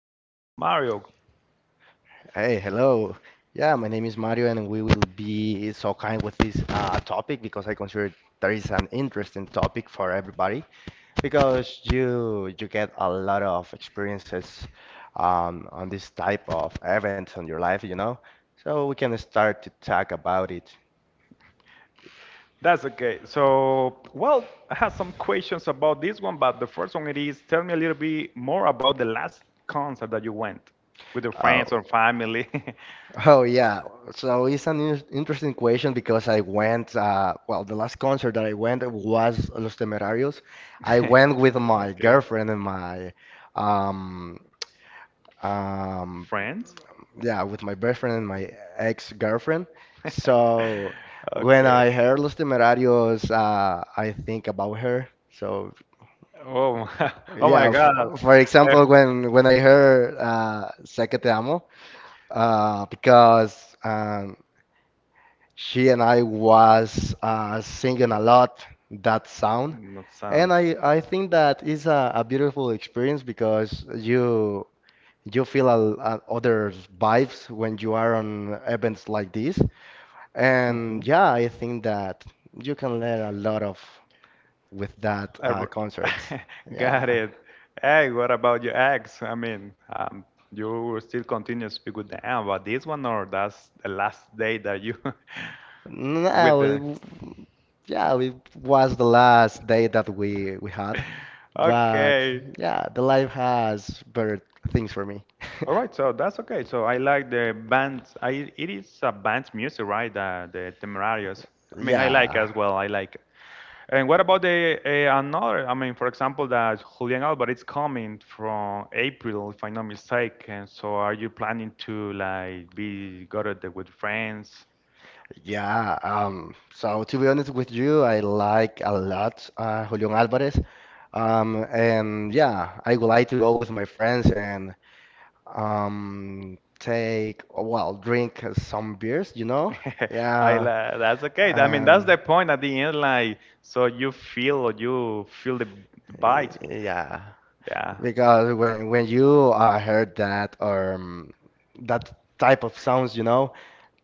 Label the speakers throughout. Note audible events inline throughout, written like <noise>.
Speaker 1: Mario. Mario,
Speaker 2: Hey, hello. Yeah, my name is Mario, and we will be so kind with this topic because I consider there is an interesting topic for everybody because you get a lot of experiences on this type of events on your life, you know. So we can start to talk about it.
Speaker 1: that's okay. So, well, I have some questions about this one, but the first one it is tell me a little bit more about the last concert that you went with your
Speaker 2: Uh,
Speaker 1: friends or family.
Speaker 2: Oh yeah, so it's an in interesting question because I went. The last concert that I went was Los Temerarios. I went with
Speaker 1: <laughs>
Speaker 2: my
Speaker 1: Okay.
Speaker 2: girlfriend and my, um, um,
Speaker 1: Friends?
Speaker 2: yeah, with my boyfriend and my ex-girlfriend.
Speaker 1: <laughs>
Speaker 2: So when
Speaker 1: Okay.
Speaker 2: I heard Los Temerarios, I think about her. So
Speaker 1: Oh, <laughs> oh my
Speaker 2: yeah, f
Speaker 1: God.
Speaker 2: for example, when I heard
Speaker 1: <laughs>
Speaker 2: "Sé que te amo," because. She and I was singing a lot that sound,
Speaker 1: Mm, that
Speaker 2: and
Speaker 1: sounds.
Speaker 2: I think that is a beautiful experience because you feel a other vibes when you are on events like this.
Speaker 1: hmm
Speaker 2: And yeah, I think that you can learn a lot of with that
Speaker 1: Ever-
Speaker 2: concerts.
Speaker 1: <laughs>
Speaker 2: Yeah.
Speaker 1: Got it. Hey, what about your ex? I mean, you will still continue to speak with them about this one, or that's the last day that you <laughs> with
Speaker 2: No,
Speaker 1: them?
Speaker 2: yeah, it was the last day that we had.
Speaker 1: <laughs>
Speaker 2: But
Speaker 1: Okay.
Speaker 2: yeah, the life has better things for me. <laughs>
Speaker 1: All right, so that's okay. So I like the band. I It is a band's music, right? The Temerarios. I mean, I like
Speaker 2: Yeah,
Speaker 1: as well. I like it. And what about the another? I mean, for example, that Julian Alvarez coming from April, if I'm not mistaken. So are you planning to like be go to the with friends?
Speaker 2: yeah. So to be honest with you, I like a lot Julian Alvarez. And yeah, I would like to go with my friends and take, well, drink some beers, you know?
Speaker 1: <laughs> I
Speaker 2: Yeah.
Speaker 1: la That's okay. I mean, that's
Speaker 2: And
Speaker 1: the point at the end. Like, so you feel the bite.
Speaker 2: yeah,
Speaker 1: Yeah.
Speaker 2: Because when you heard that or that type of sounds, you know,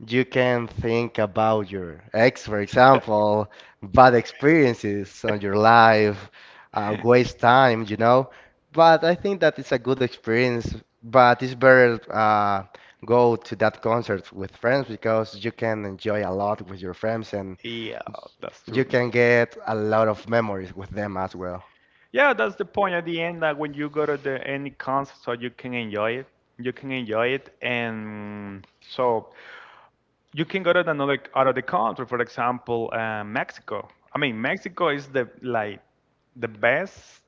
Speaker 2: you can think about your ex, for example, bad experiences on your life, waste
Speaker 1: <laughs>
Speaker 2: time, you know. But I think that it's a good experience. But it's better go to that concert with friends because you can enjoy a lot with your friends and
Speaker 1: Yeah, that's
Speaker 2: you
Speaker 1: true.
Speaker 2: can get a lot of memories with them as well.
Speaker 1: Yeah, that's the point at the end that when you go to the any concert, so you can enjoy it. You can enjoy it, and so you can go to another out of the country, for example, Mexico. I mean, Mexico is the like the best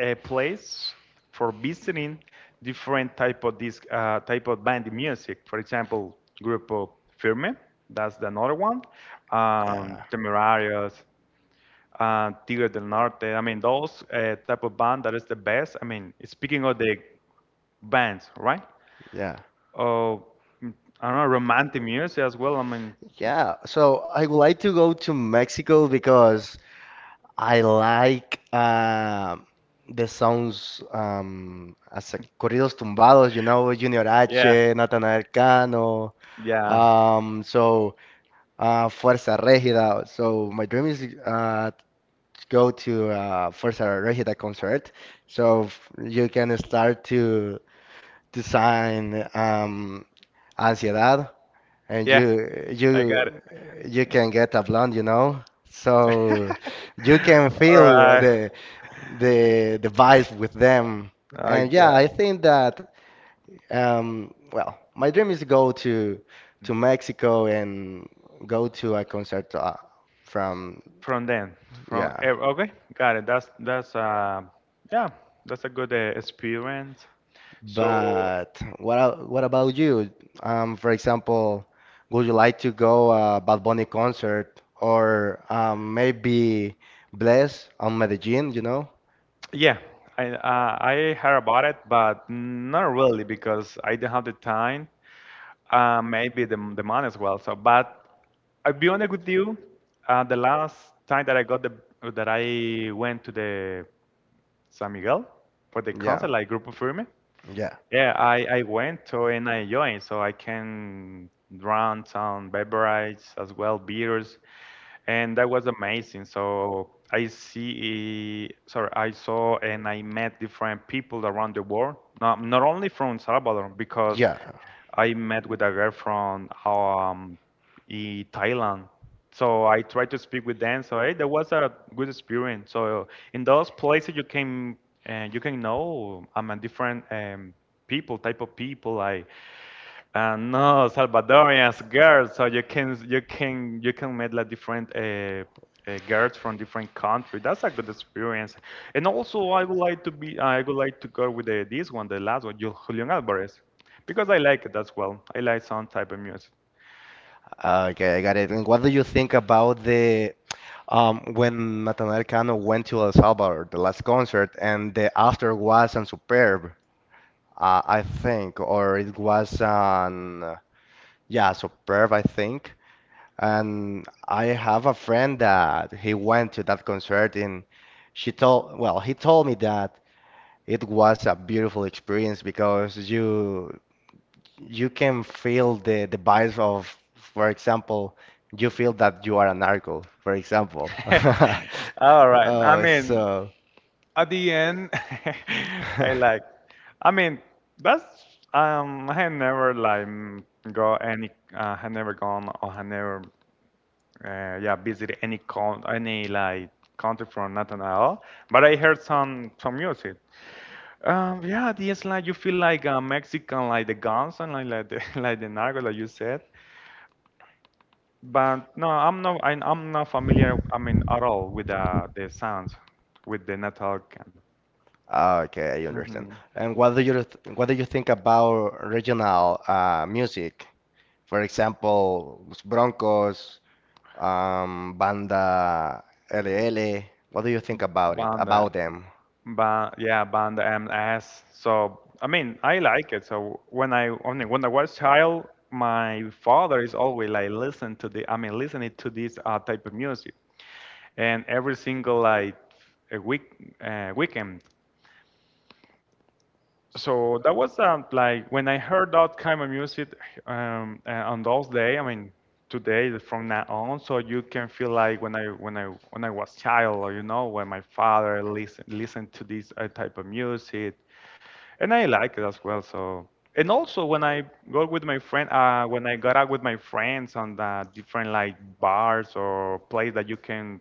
Speaker 1: place for visiting different type of this type of band music. For example, Grupo Firme, that's the another one.
Speaker 2: Yeah,
Speaker 1: Temerarios, Tigre del Norte. I mean, those type of band that is the best. I mean, speaking of the bands, right?
Speaker 2: yeah.
Speaker 1: Oh, mm, I don't know, romantic music as well. I mean,
Speaker 2: Yeah, so I would like to go to Mexico because I like the sounds as a corridos tumbados, you know, Junior H,
Speaker 1: yeah,
Speaker 2: Natanael Cano,
Speaker 1: yeah,
Speaker 2: um, so Fuerza Regida. So my dream is to go to Fuerza Regida concert, so you can start to design Ansiedad and
Speaker 1: yeah.
Speaker 2: you
Speaker 1: I
Speaker 2: you
Speaker 1: got it.
Speaker 2: you can get a blonde, you know. So
Speaker 1: <laughs>
Speaker 2: you can
Speaker 1: All
Speaker 2: feel
Speaker 1: right,
Speaker 2: the the vibe with them.
Speaker 1: I
Speaker 2: And yeah,
Speaker 1: got.
Speaker 2: I think that my dream is to go to Mexico and go to a concert from
Speaker 1: From then, from
Speaker 2: yeah.
Speaker 1: ev- Okay, got it. That's, yeah, that's a good experience. So
Speaker 2: But what about you? For example, would you like to go a Bad Bunny concert or maybe Bless on Medellin, you know?
Speaker 1: yeah, I heard about it, but not really because I didn't have the time. Maybe the money as well. So, but I'll be honest with you. The last time that I got the that I went to the San Miguel for the
Speaker 2: Yeah,
Speaker 1: concert, like Grupo Firme.
Speaker 2: yeah,
Speaker 1: Yeah, I went to and I joined, so I can run some beverages as well, beers, and that was amazing. So I see, sorry, I saw and I met different people around the world, not only from Salvador, because
Speaker 2: yeah.
Speaker 1: I met with a girl from in Thailand. So I tried to speak with them. So hey, that was a good experience. So in those places, you can know I'm a different people, type of people. Like no Salvadorians girls. So you can meet like different. Girls from different country. That's a good experience, and also I would like to be. I would like to go with this one, the last one, Julian Alvarez, because I like it as well. I like some type of music.
Speaker 2: Okay, I got it. And what do you think about the when Natanael Cano went to El Salvador, the last concert, and the after was unsuperb? I think, or it was an yeah, superb, I think. And I have a friend that he went to that concert, and she told, well, he told me that it was a beautiful experience because you can feel the vibes of, for example, you feel that you are a narco, for example. <laughs>
Speaker 1: <laughs> All right. I
Speaker 2: Oh,
Speaker 1: mean,
Speaker 2: so.
Speaker 1: at the end, <laughs> I like.
Speaker 2: <laughs>
Speaker 1: I mean, that's. I had never like go any. Had never gone or had never. Yeah, visited any like country from nothing at all. But I heard some music. Yeah, it's like you feel like a Mexican, like the guns and like the, <laughs> like the narco, like you said. But no, I'm not. I'm not familiar. I mean, at all with the sounds, with the metal kind.
Speaker 2: Ah, okay, I understand.
Speaker 1: Hmm
Speaker 2: And what do you think about regional music? For example, Broncos, Banda LL. What do you think about it?
Speaker 1: Banda,
Speaker 2: About them?
Speaker 1: ba Yeah, Banda MS. So I mean, I like it. So when I mean, when I was child, my father is always like listen to the. I mean, listening to this type of music, and every single like a week weekend. So that was like when I heard that kind of music on those days. I mean, today from now on, so you can feel like when I was child, or when my father listened to this type of music, and I like it as well. So and also when I go with my friend, when I got out with my friends on the different like bars or place that you can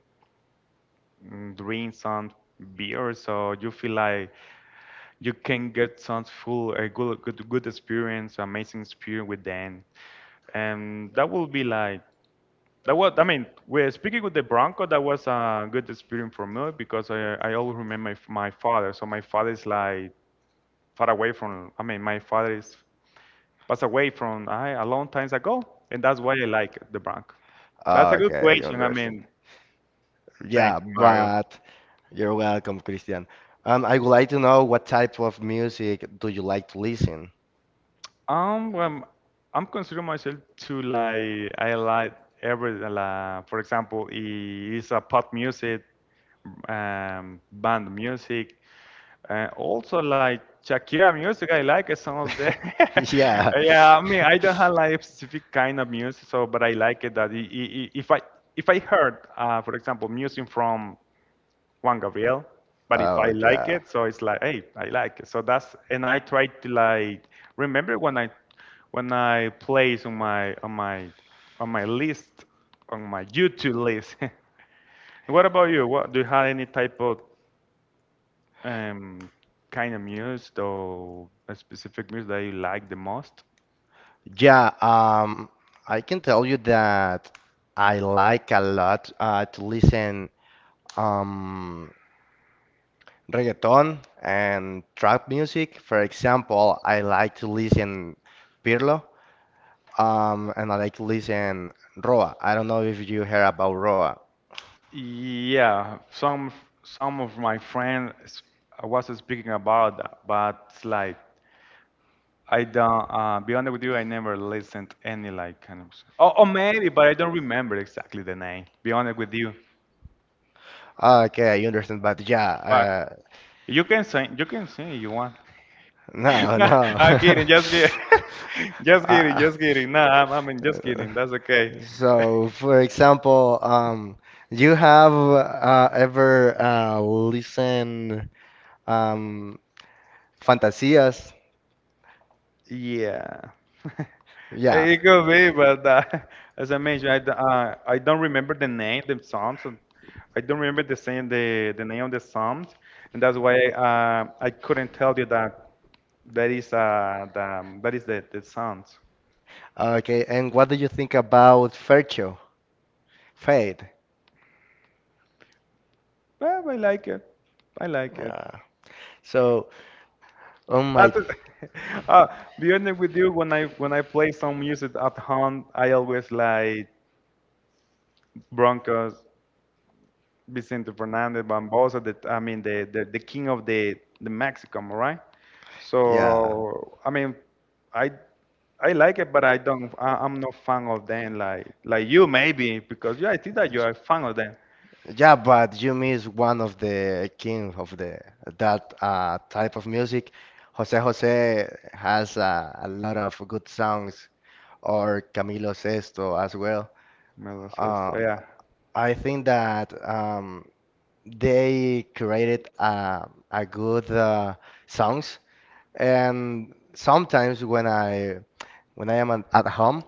Speaker 1: drink some beer, so you feel like. You can get some full a good experience, amazing experience with them, and that will be like that was. I mean, we're speaking with the Bronco. That was a good experience for me because I always remember my father. So my father is like far away from. I mean, my father is passed away from I, a long times ago, and that's why I like the Bronco. That's
Speaker 2: Ah,
Speaker 1: a good
Speaker 2: okay, I
Speaker 1: question. I
Speaker 2: understand.
Speaker 1: mean, thank
Speaker 2: Yeah,
Speaker 1: you, Mario.
Speaker 2: but you're welcome, Christian. I would like to know what type of music do you like to listen?
Speaker 1: Well, I'm considering myself to like I like every like, for example, it's a pop music, band music, also like Shakira music. I like it, some of the.
Speaker 2: <laughs> Yeah.
Speaker 1: <laughs> Yeah, I mean, I don't have like specific kind of music, so but I like it that I- if I if I heard, for example, music from Juan Gabriel. But if I
Speaker 2: Oh
Speaker 1: like
Speaker 2: yeah.
Speaker 1: it, so it's like, hey, I like it. So that's and I try to like remember when I place on my list on my YouTube list. <laughs> What about you? What do you have any type of um, kind of music or a specific music that you like the most?
Speaker 2: Yeah, I can tell you that I like a lot to listen um reggaeton and trap music. For example, I like to listen Pirlo. And I like to listen Roa. I don't know if you heard about Roa.
Speaker 1: Yeah, some of my friends I was speaking about that, but like I don't. Be honest with you, I never listened any like kind of. Oh, oh, maybe, but I don't remember exactly the name. Be honest with you,
Speaker 2: Ah, okay, I understand, but yeah,
Speaker 1: but you can sing. You can sing if you want. <laughs>
Speaker 2: no,
Speaker 1: No,
Speaker 2: no.
Speaker 1: I'm kidding. Just kidding.
Speaker 2: <laughs>
Speaker 1: <laughs> Just kidding.
Speaker 2: Uh,
Speaker 1: Just kidding. No, I mean, just
Speaker 2: uh,
Speaker 1: kidding. That's okay. <laughs>
Speaker 2: so, for example, you have ever listen um, Fantasias?
Speaker 1: Yeah. <laughs>
Speaker 2: Yeah.
Speaker 1: It could be, but <laughs> as I mentioned, I don't remember the name, the songs. And I don't remember the name of the songs, and that's why I couldn't tell you that is the, that is the sound.
Speaker 2: Okay, and what do you think about Fercho? Fade.
Speaker 1: Well, I like it. I like it.
Speaker 2: Uh, so, oh
Speaker 1: That
Speaker 2: my
Speaker 1: is, <laughs> uh, be honest with you, when I play some music at home, I always like Broncos, Vicente Fernandez, Bambosa. I mean the king of the Mexican, right?
Speaker 2: Yeah.
Speaker 1: So I mean, I I like it, but I don't. I'm not fan of them like you maybe because you I think that you are a fan of them.
Speaker 2: Yeah, but you miss one of the king of the that type of music. Jose Jose has a lot of good songs, or Camilo Sesto as well.
Speaker 1: Melo says,
Speaker 2: Uh,
Speaker 1: yeah.
Speaker 2: I think that they created a good songs, and sometimes when I am at home.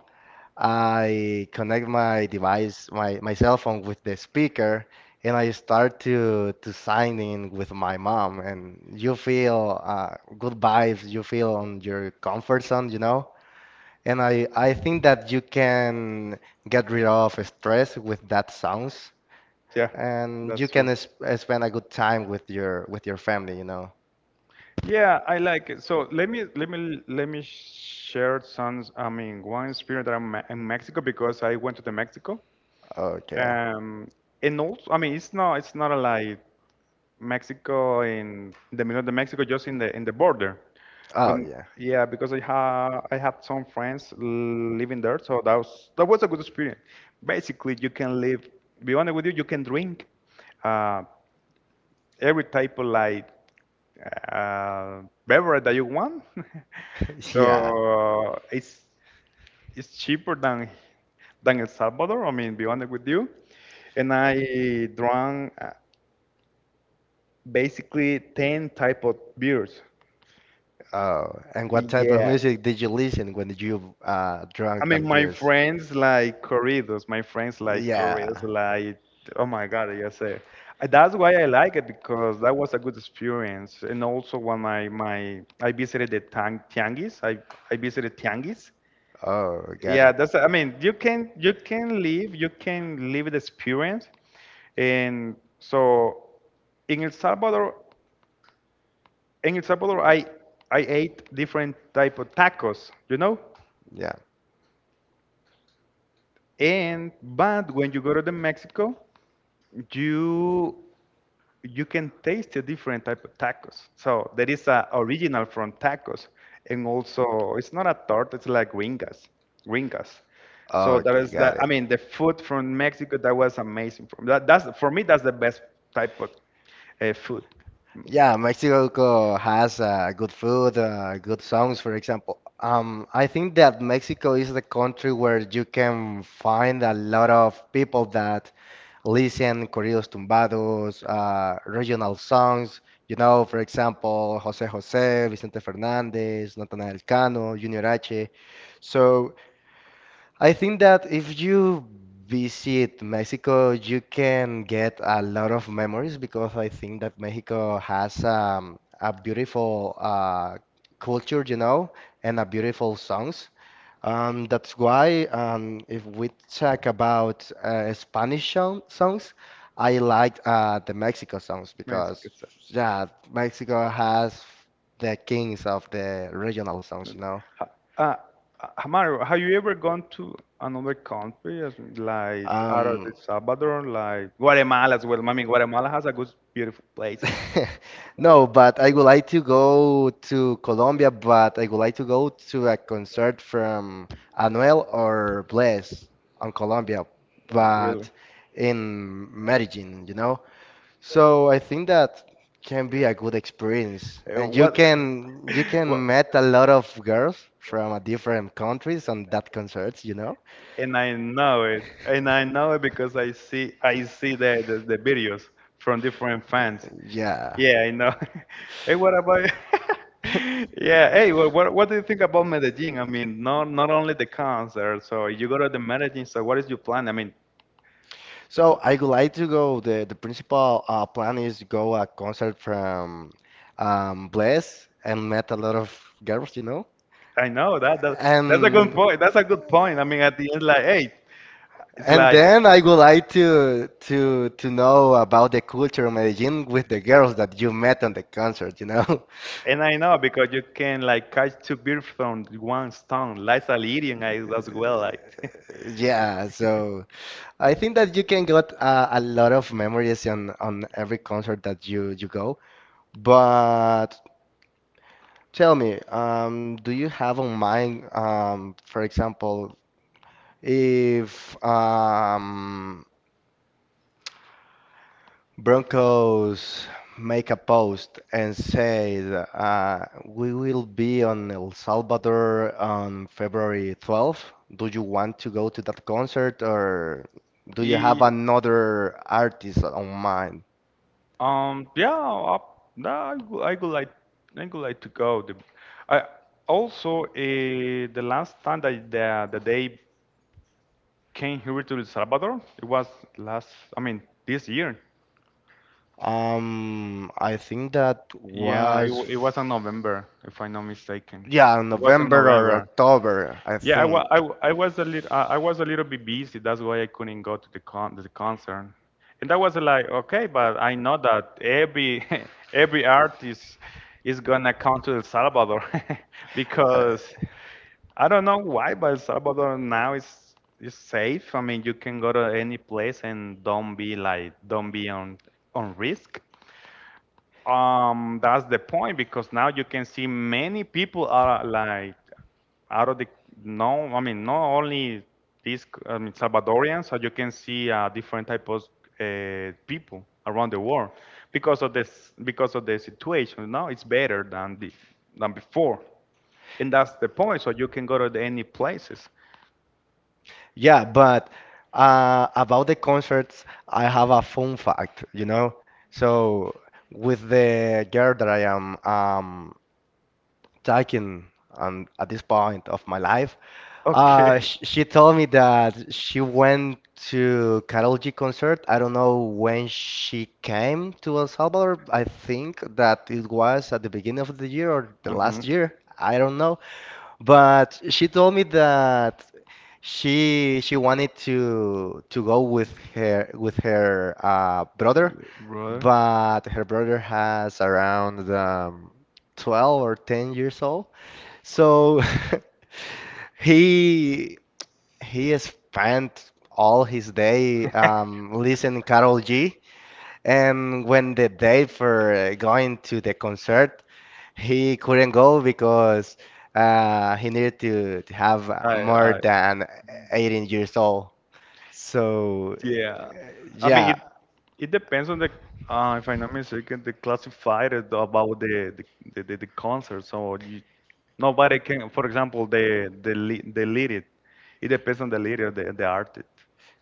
Speaker 2: I connect my device, my cell phone with the speaker, and I start to sign in with my mom. And you feel good vibes. You feel on your comfort zone, you know. And I think that you can get rid of stress with that sounds,
Speaker 1: Yeah,
Speaker 2: and you
Speaker 1: that's true.
Speaker 2: can s spend a good time with your family, you know.
Speaker 1: Yeah, I like it. So let me share some. I mean, one experience that I'm in Mexico because I went to the Mexico.
Speaker 2: Okay.
Speaker 1: Um, and also, I mean, it's not a, like Mexico in the middle of the Mexico, just in the border.
Speaker 2: Oh
Speaker 1: When
Speaker 2: yeah.
Speaker 1: Yeah, because I had some friends living there, so that was a good experience. Basically, you can live. Be honest with you, you can drink uh, every type of like beverage that you want. <laughs>
Speaker 2: <laughs>
Speaker 1: so
Speaker 2: Yeah.
Speaker 1: uh, it's cheaper than El Salvador. I mean, be honest with you. And I drank basically 10 type of beers.
Speaker 2: Oh, and what type of
Speaker 1: Yeah,
Speaker 2: music did you listen when you
Speaker 1: I
Speaker 2: drank
Speaker 1: mean
Speaker 2: that
Speaker 1: my
Speaker 2: beers?
Speaker 1: friends like corridos, my friends like corridos,
Speaker 2: Yeah.
Speaker 1: like, oh my God, I guess that's why I like it because that was a good experience. And also when my I visited the tang tianguis. I visited tianguis.
Speaker 2: Oh, got
Speaker 1: Yeah,
Speaker 2: it.
Speaker 1: that's, I mean, you can live the experience. And so in El Salvador, in El Salvador, I ate different type of tacos.
Speaker 2: Yeah.
Speaker 1: And but when you go to the Mexico, you you can taste a different type of tacos. So there is a original from tacos, and also it's not a tart; it's like ringas, ringas. So there
Speaker 2: Okay,
Speaker 1: is
Speaker 2: got
Speaker 1: that. I
Speaker 2: it.
Speaker 1: mean, the food from Mexico that was amazing. From that, that's for me, that's the best type of food.
Speaker 2: Yeah, Mexico has good food, good songs, for example. I think that Mexico is the country where you can find a lot of people that listen corridos tumbados, regional songs. You know, for example, Jose Jose, Vicente Fernandez, Natanael Cano, Junior H. So I think that if you visit Mexico, you can get a lot of memories because I think that Mexico has a beautiful culture, you know, and a beautiful songs. That's why if we talk about Spanish songs, I like the Mexico songs because
Speaker 1: Sounds.
Speaker 2: yeah, Mexico has the kings of the regional songs,
Speaker 1: Mexican.
Speaker 2: you know.
Speaker 1: Uh, Mario, have you ever gone to another country, as in, like out of El
Speaker 2: Um,
Speaker 1: Salvador, like Guatemala as well? I mean, Guatemala has a good, beautiful places.
Speaker 2: <laughs> No,
Speaker 1: No,
Speaker 2: but I would like to go to Colombia, but I would like to go to a concert from Anuel or Bless on Colombia, but
Speaker 1: really?
Speaker 2: in Medellin, you know? So I think that can be a good experience. And
Speaker 1: What?
Speaker 2: you
Speaker 1: <laughs>
Speaker 2: can
Speaker 1: What?
Speaker 2: met a lot of girls from a different countries on that concerts, you know?
Speaker 1: And I know it, and I know it because I see the videos from different fans.
Speaker 2: Yeah.
Speaker 1: Yeah, I know. <laughs> Hey, what about
Speaker 2: <laughs>
Speaker 1: <laughs> Yeah, hey, well, what do you think about Medellin? I mean, not only the concert, so you go to the Medellin, so what is your plan? I mean,
Speaker 2: So I would like to go. The principal plan is to go a concert from Bless and met a lot of girls, you know.
Speaker 1: I know that that's a good
Speaker 2: And
Speaker 1: point. That's a good point. I mean, at the end, like, hey, it's
Speaker 2: and
Speaker 1: like.
Speaker 2: then I would like to know about the culture of Medellin with the girls that you met on the concert, you know. <laughs>
Speaker 1: And I know, because you can, like, catch two birds from one stone, like a Lyrian I as well. Like,
Speaker 2: Yeah, so I think that you can get a lot of memories on every concert that you go. But tell me, do you have on mind, for example, if Broncos make a post and say that, we will be on El Salvador on February 12th, do you want to go to that concert or
Speaker 1: <laughs>
Speaker 2: do you have
Speaker 1: Ye-
Speaker 2: another artist on mind?
Speaker 1: yeah, I, no, I, would, I would like to go. I also the last time that the day came here to El Salvador. It was last, I mean, this year.
Speaker 2: I think that
Speaker 1: Yeah,
Speaker 2: was.
Speaker 1: it was in November, if I'm not mistaken.
Speaker 2: Yeah,
Speaker 1: It was in
Speaker 2: November or
Speaker 1: November.
Speaker 2: October, I
Speaker 1: Yeah,
Speaker 2: think.
Speaker 1: I was a little. I was a little bit busy. That's why I couldn't go to the concert. And that was like okay, but I know that every <laughs> every artist is gonna come to El Salvador <laughs>
Speaker 2: Uh,
Speaker 1: because I don't know why, but Salvador now is safe. I mean, you can go to any place and don't be like don't be on risk. That's the point, because now you can see many people are like out of the no. I mean, not only these, I mean, Salvadorians, so you can see different types of people around the world because of this, because of the situation. Now it's better than the than before, and that's the point. So you can go to any places.
Speaker 2: yeah, but about the concerts, I have a fun fact, you know? So, with the girl that I am taking on, at this point of my life,
Speaker 1: Okay.
Speaker 2: sh she told me that she went to Karol G concert. I don't know when she came to El Salvador. I think that it was at the beginning of the year or the last
Speaker 1: Mhm.
Speaker 2: year. I don't know. But she told me that she wanted to go with her brother,
Speaker 1: Brother.
Speaker 2: but her brother has around 12 or 10 years old. So <laughs> he he spent all his day listening Carol G. And when the day for going to the concert, he couldn't go because he needed to have more
Speaker 1: I
Speaker 2: than 18 years old. So,
Speaker 1: Yeah. I mean,
Speaker 2: yeah,
Speaker 1: it depends on the, if I'm not mistaken, they classified it about the concert. So you, nobody can, for example, the lyric. It depends on the lyric, the artist.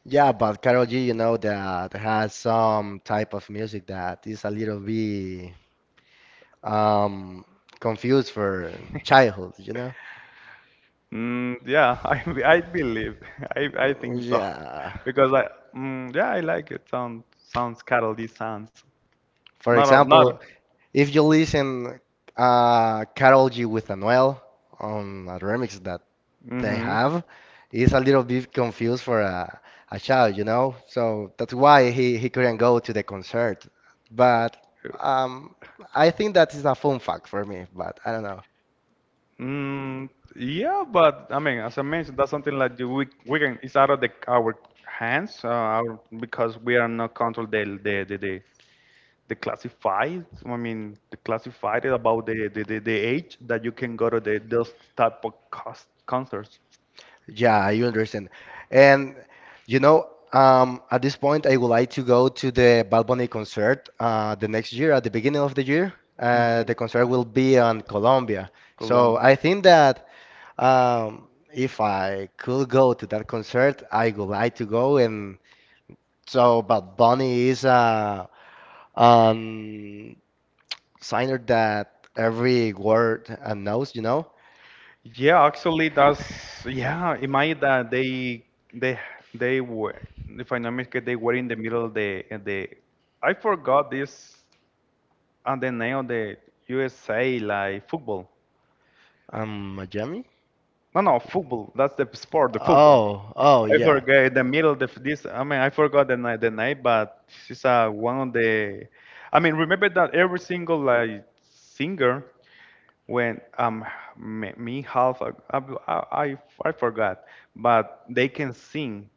Speaker 2: yeah, but Carol G, you know, that has some type of music that is a little bit um, confused for childhood, you know?
Speaker 1: Yeah, <laughs> I believe <laughs> I think so
Speaker 2: Yeah,
Speaker 1: <laughs> because I yeah, I like it. Sounds Carol D sounds
Speaker 2: for
Speaker 1: not.
Speaker 2: example, if you listen Karol G with Anuel on a remix that they
Speaker 1: Mm-hmm.
Speaker 2: have, it's a little bit confused for a child, you know? So that's why he couldn't go to the concert. But um, I think that is a fun fact for me, but I don't know.
Speaker 1: Mm, yeah, but I mean, as I mentioned, that's something like we can, it's out of the our hands, our, because we are not control the classified. I mean, the classified about the age that you can go to the those type of concerts.
Speaker 2: Yeah, I understand. And you know, at this point, I would like to go to the Bad Bunny concert the next year, at the beginning of the year. Uh,
Speaker 1: Mhm.
Speaker 2: the concert will be on Colombia. So
Speaker 1: Colombia.
Speaker 2: I think that if I could go to that concert, I would like to go. And so Bad Bunny is a um, singer that every world knows, you know,
Speaker 1: Yeah, actually, that's yeah. Imagine that they they were, if I know correctly, they were in the middle of the I forgot this and the name of the USA, like football.
Speaker 2: Miami.
Speaker 1: No, no, football. That's the sport, the football.
Speaker 2: Oh
Speaker 1: I
Speaker 2: yeah.
Speaker 1: forgot the middle of this. I mean, I forgot the night, but this is one of the. I mean, remember that every single like singer when me, me half I I forgot, but they can sing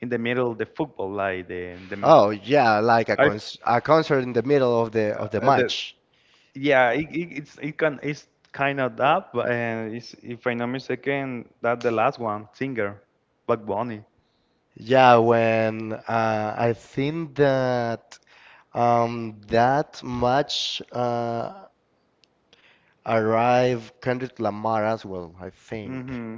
Speaker 1: in the middle of the football like the
Speaker 2: Oh yeah, like
Speaker 1: I
Speaker 2: a concert in the middle of the
Speaker 1: the
Speaker 2: match.
Speaker 1: yeah, it's it's kind of that, but it's, if I'm not mistaken, that the last one singer, Black Bunny.
Speaker 2: Yeah, when I think that that match arrived Kendrick Lamar as well, I think.
Speaker 1: Mm-hmm.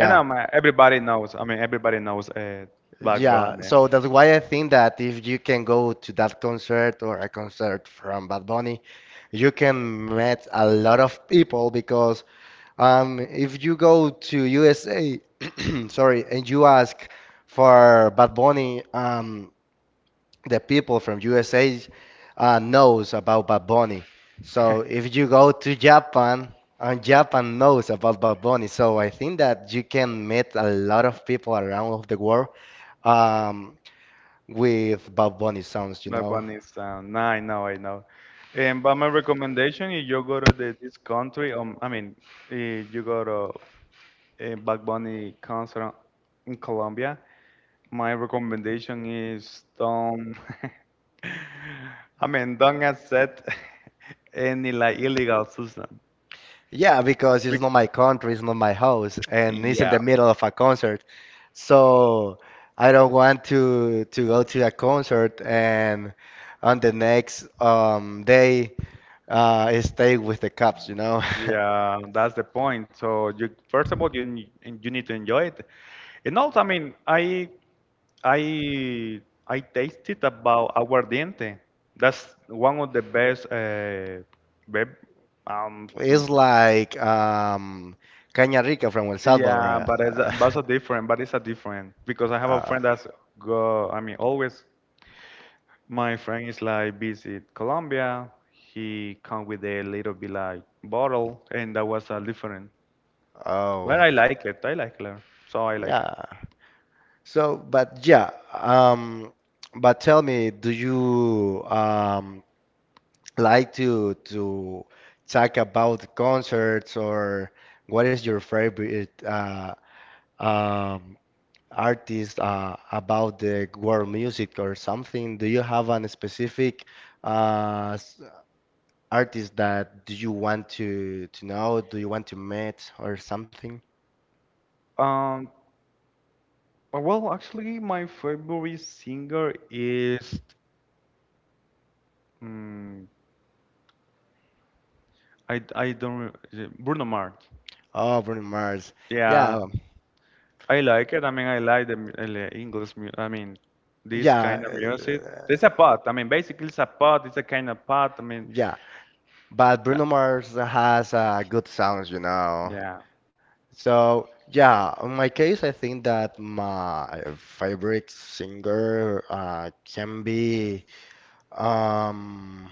Speaker 1: And everybody knows. I mean, everybody knows Black
Speaker 2: Yeah,
Speaker 1: Bun, man.
Speaker 2: so that's why I think that if you can go to that concert or a concert from Bad Bunny, you can meet a lot of people because if you go to USA, <clears throat> sorry, and you ask for Bad Bunny, the people from USA knows about Bad Bunny. So if you go to Japan, and Japan knows about Bad Bunny, so I think that you can meet a lot of people around of the world. Um, with Bob Bunny songs, you
Speaker 1: Black
Speaker 2: know?
Speaker 1: Bun is sound. Nah, I know, I know. And but my recommendation, if you go to the, this country, I mean, if you go to Bad Bunny concert in Colombia, my recommendation is don't. <laughs> I mean, don't accept <laughs> any like illegal substance.
Speaker 2: Yeah, because it's
Speaker 1: Bec-
Speaker 2: not my country, it's not my house, and it's in
Speaker 1: Yeah,
Speaker 2: the middle of a concert. So I don't want to go to a concert and on the next day stay with the cops, you know? <laughs>
Speaker 1: yeah, that's the point. So you first of all you need to enjoy it, and also, I mean, I I tasted about aguardiente. That's one of the best. Beb um,
Speaker 2: It's like Caña Rica from El Salvador.
Speaker 1: yeah, but it's a different. But it's a different, because I have a
Speaker 2: <laughs> Uh,
Speaker 1: friend that's go. I mean, always my friend is like visit Colombia. He come with a little bit like bottle, and that was a different.
Speaker 2: oh,
Speaker 1: But I like it. I like it. So I like it.
Speaker 2: yeah. But yeah, but tell me, do you like to talk about concerts, or what is your favorite um, artist about the world music or something? Do you have an specific uh, s- artist that do you want to know? Do you want to meet or something?
Speaker 1: Um. Well, actually, my favorite singer is. Mm, I don't re- Bruno Mars.
Speaker 2: Oh, Bruno Mars.
Speaker 1: Yeah,
Speaker 2: Yeah,
Speaker 1: I like it. I mean, I like the, the English music. I mean, this kind of
Speaker 2: yeah.
Speaker 1: music. It's a pop. I mean, basically, it's a pop. It's a kind of pop. I mean,
Speaker 2: Yeah, but
Speaker 1: uh,
Speaker 2: Bruno Mars has good songs, you know.
Speaker 1: yeah.
Speaker 2: So yeah, in my case, I think that my favorite singer can be um,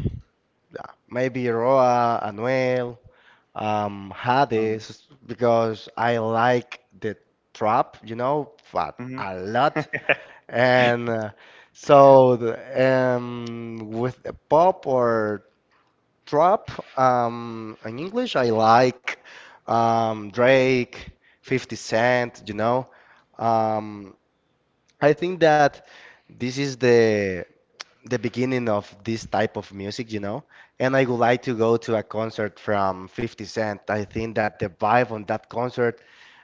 Speaker 2: yeah, maybe Roa, Anuel,
Speaker 1: Um,
Speaker 2: Hades, because I like the trap, you know, but
Speaker 1: mhm.
Speaker 2: a lot.
Speaker 1: <laughs>
Speaker 2: And so the, with the pop or trap. In English, I like Drake, 50 Cent, you know. Um, I think that this is the beginning of this type of music, you know. And I would like to go to a concert from 50 Cent. I think that the vibe on that concert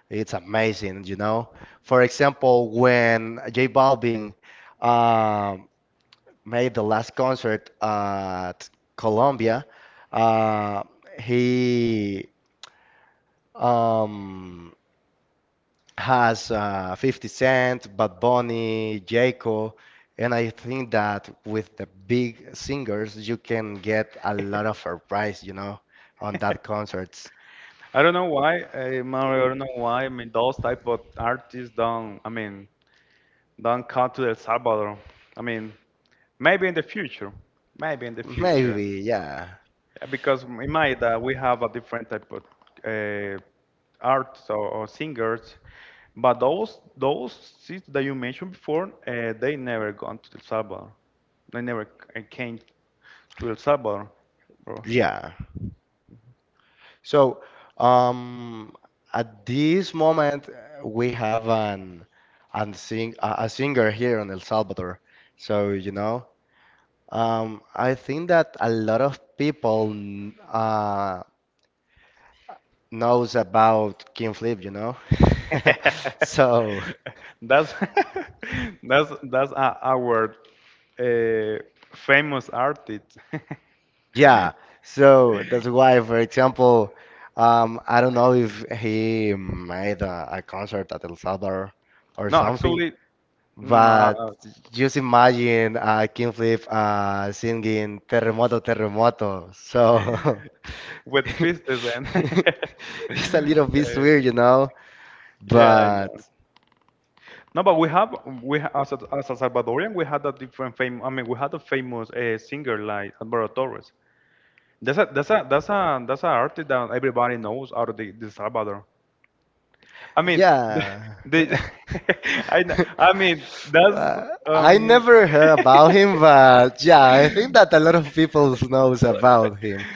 Speaker 2: it's amazing, you know. For example, when J Balvin um made the last concert at Columbia, uh, he um, has 50 Cent, Bad Bunny, Jayco, and I think that with the big singers, you can get a lot of surprise, you know, on that concerts.
Speaker 1: I don't know why, Mario. I don't know why. I mean, those type of artists don't. I mean, don't come to El Salvador. I mean, maybe in the future. Maybe in the future.
Speaker 2: Maybe, yeah,
Speaker 1: Because in Maida, we have a different type of uh, arts or singers. But those seats that you mentioned before, they never gone to El Salvador. They never came to El Salvador. Or-
Speaker 2: yeah. So, um, at this moment, we have a singer here in El Salvador. So, you know, I think that a lot of people knows about King Flip, you know. <laughs>
Speaker 1: <laughs>
Speaker 2: So,
Speaker 1: that's <laughs> that's our uh, famous artist.
Speaker 2: yeah. So that's why, for example, I don't know if he made a concert at El Salvador
Speaker 1: <laughs>
Speaker 2: or
Speaker 1: No,
Speaker 2: something.
Speaker 1: actually,
Speaker 2: But
Speaker 1: no.
Speaker 2: just imagine King Flip singing Terremoto, Terremoto. So
Speaker 1: With
Speaker 2: <laughs>
Speaker 1: Fistizen.
Speaker 2: it's a little bit weird,
Speaker 1: <laughs>
Speaker 2: you know?
Speaker 1: Yeah, I
Speaker 2: But
Speaker 1: know. No, but we have as a Salvadorian we had a different fame. I mean, we had a famous singer like Alvaro Torres. That's a that's an artist that everybody knows out of the Salvador. I mean, the,
Speaker 2: yeah.
Speaker 1: the
Speaker 2: <laughs>
Speaker 1: <laughs> I know. I mean, that's
Speaker 2: I
Speaker 1: um.
Speaker 2: never heard about him, but yeah, I think that a lot of
Speaker 1: <laughs>
Speaker 2: people knows about him.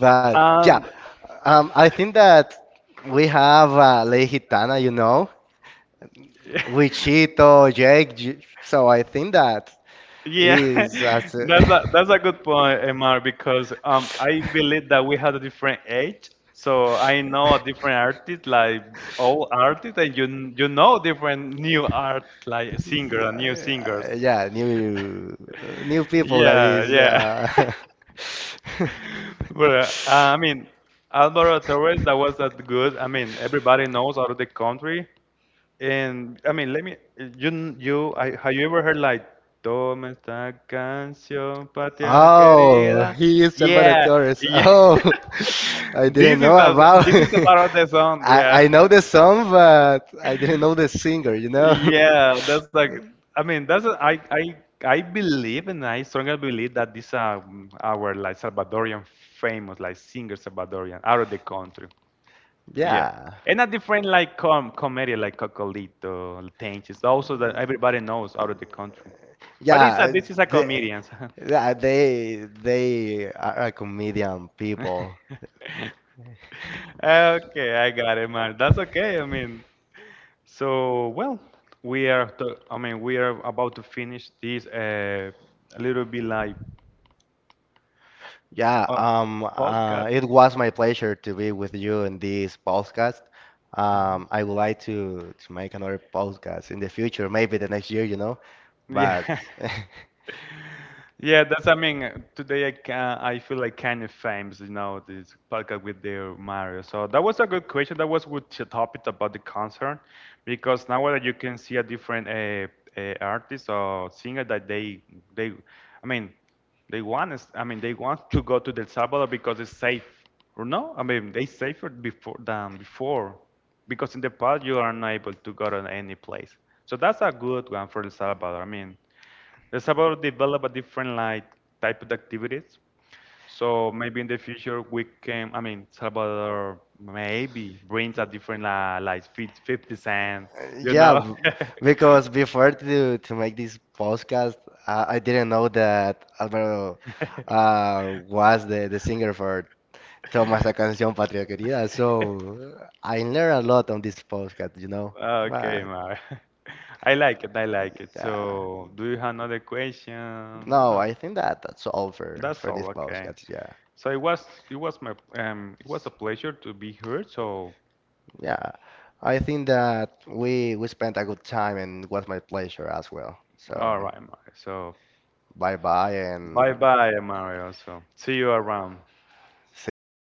Speaker 2: But yeah,
Speaker 1: Um,
Speaker 2: I think that we have Ley Gitana, you know? Wichito, Jake. So I think that
Speaker 1: yeah,
Speaker 2: is
Speaker 1: <laughs>
Speaker 2: as a
Speaker 1: that's a good point, Emar, because I believe that we had a different age. So I know a different artist, like old artist, and you know different new art, like singer and new singers.
Speaker 2: <laughs>
Speaker 1: <laughs>
Speaker 2: yeah, new people that
Speaker 1: Yeah,
Speaker 2: is
Speaker 1: yeah. <laughs> <laughs>
Speaker 2: <laughs>
Speaker 1: But I mean, Alvaro Torres, that was that good. I mean, everybody knows out of the country. And I mean, let me. I, have you ever heard like "Toma esta canción, patria
Speaker 2: Oh,
Speaker 1: querida"?
Speaker 2: he is Alvaro
Speaker 1: Yeah,
Speaker 2: Torres.
Speaker 1: yeah.
Speaker 2: Oh, <laughs> I
Speaker 1: <laughs>
Speaker 2: didn't
Speaker 1: This is
Speaker 2: know
Speaker 1: a,
Speaker 2: about.
Speaker 1: this is a part
Speaker 2: <laughs>
Speaker 1: of the song. Yeah.
Speaker 2: I know the song, but I didn't know the singer. You know?
Speaker 1: Yeah,
Speaker 2: <laughs>
Speaker 1: that's like, I mean, that's a, I believe, and I strongly believe that this are our like Salvadorian famous like singer Salvadorian out of the country. Yeah.
Speaker 2: Yeah,
Speaker 1: And a different like comedy like Cocolito, Tenches, also that everybody knows out of the country. But it's a,
Speaker 2: yeah.
Speaker 1: this is a
Speaker 2: The,
Speaker 1: comedian. <laughs>
Speaker 2: yeah, they are a comedian people.
Speaker 1: Okay, I got it, man. That's okay. I mean, so well, we are. To, I mean, we are about to finish this a little bit like.
Speaker 2: Yeah,
Speaker 1: Uh, pause. Got
Speaker 2: it was my pleasure to be with you in this podcast. I would like to make another podcast in the future, maybe the next year, you know. But
Speaker 1: yeah. <laughs>
Speaker 2: <laughs>
Speaker 1: Yeah, that's, I mean, today I can, I feel like kind of famous, you know, this podcast with the Mario. So that was a good question. That was good topic about the concert, because nowadays you can see a different artist or singer that they, I mean, they want is, I mean, they want to go to the El Salvador because it's safe, or no? I mean, they safer before than before, because in the past you are not able to go to any place. So that's a good one for El Salvador. I mean, let's about develop a different like type of activities. So maybe in the future we can, I mean, Salvador maybe brings a different like 50 cent, you
Speaker 2: Yeah,
Speaker 1: know?
Speaker 2: because before to make this podcast, I didn't know that Alvaro
Speaker 1: <laughs>
Speaker 2: was the singer for Toma esa canción Patria Querida. So I learned a lot on this podcast, you know.
Speaker 1: Okay,
Speaker 2: But
Speaker 1: Mar. <laughs> I like it. I like it.
Speaker 2: yeah,
Speaker 1: So, do you have another question?
Speaker 2: no,
Speaker 1: No,
Speaker 2: I think that that's all for
Speaker 1: that's
Speaker 2: this
Speaker 1: all. Okay.
Speaker 2: podcast. Yeah,
Speaker 1: So it was my it was a pleasure to be here. So
Speaker 2: yeah. I think that we spent a good time and it was my pleasure as well. So
Speaker 1: all right, Mario. So
Speaker 2: bye bye and.
Speaker 1: bye bye, Mario. So see you around.
Speaker 2: See you.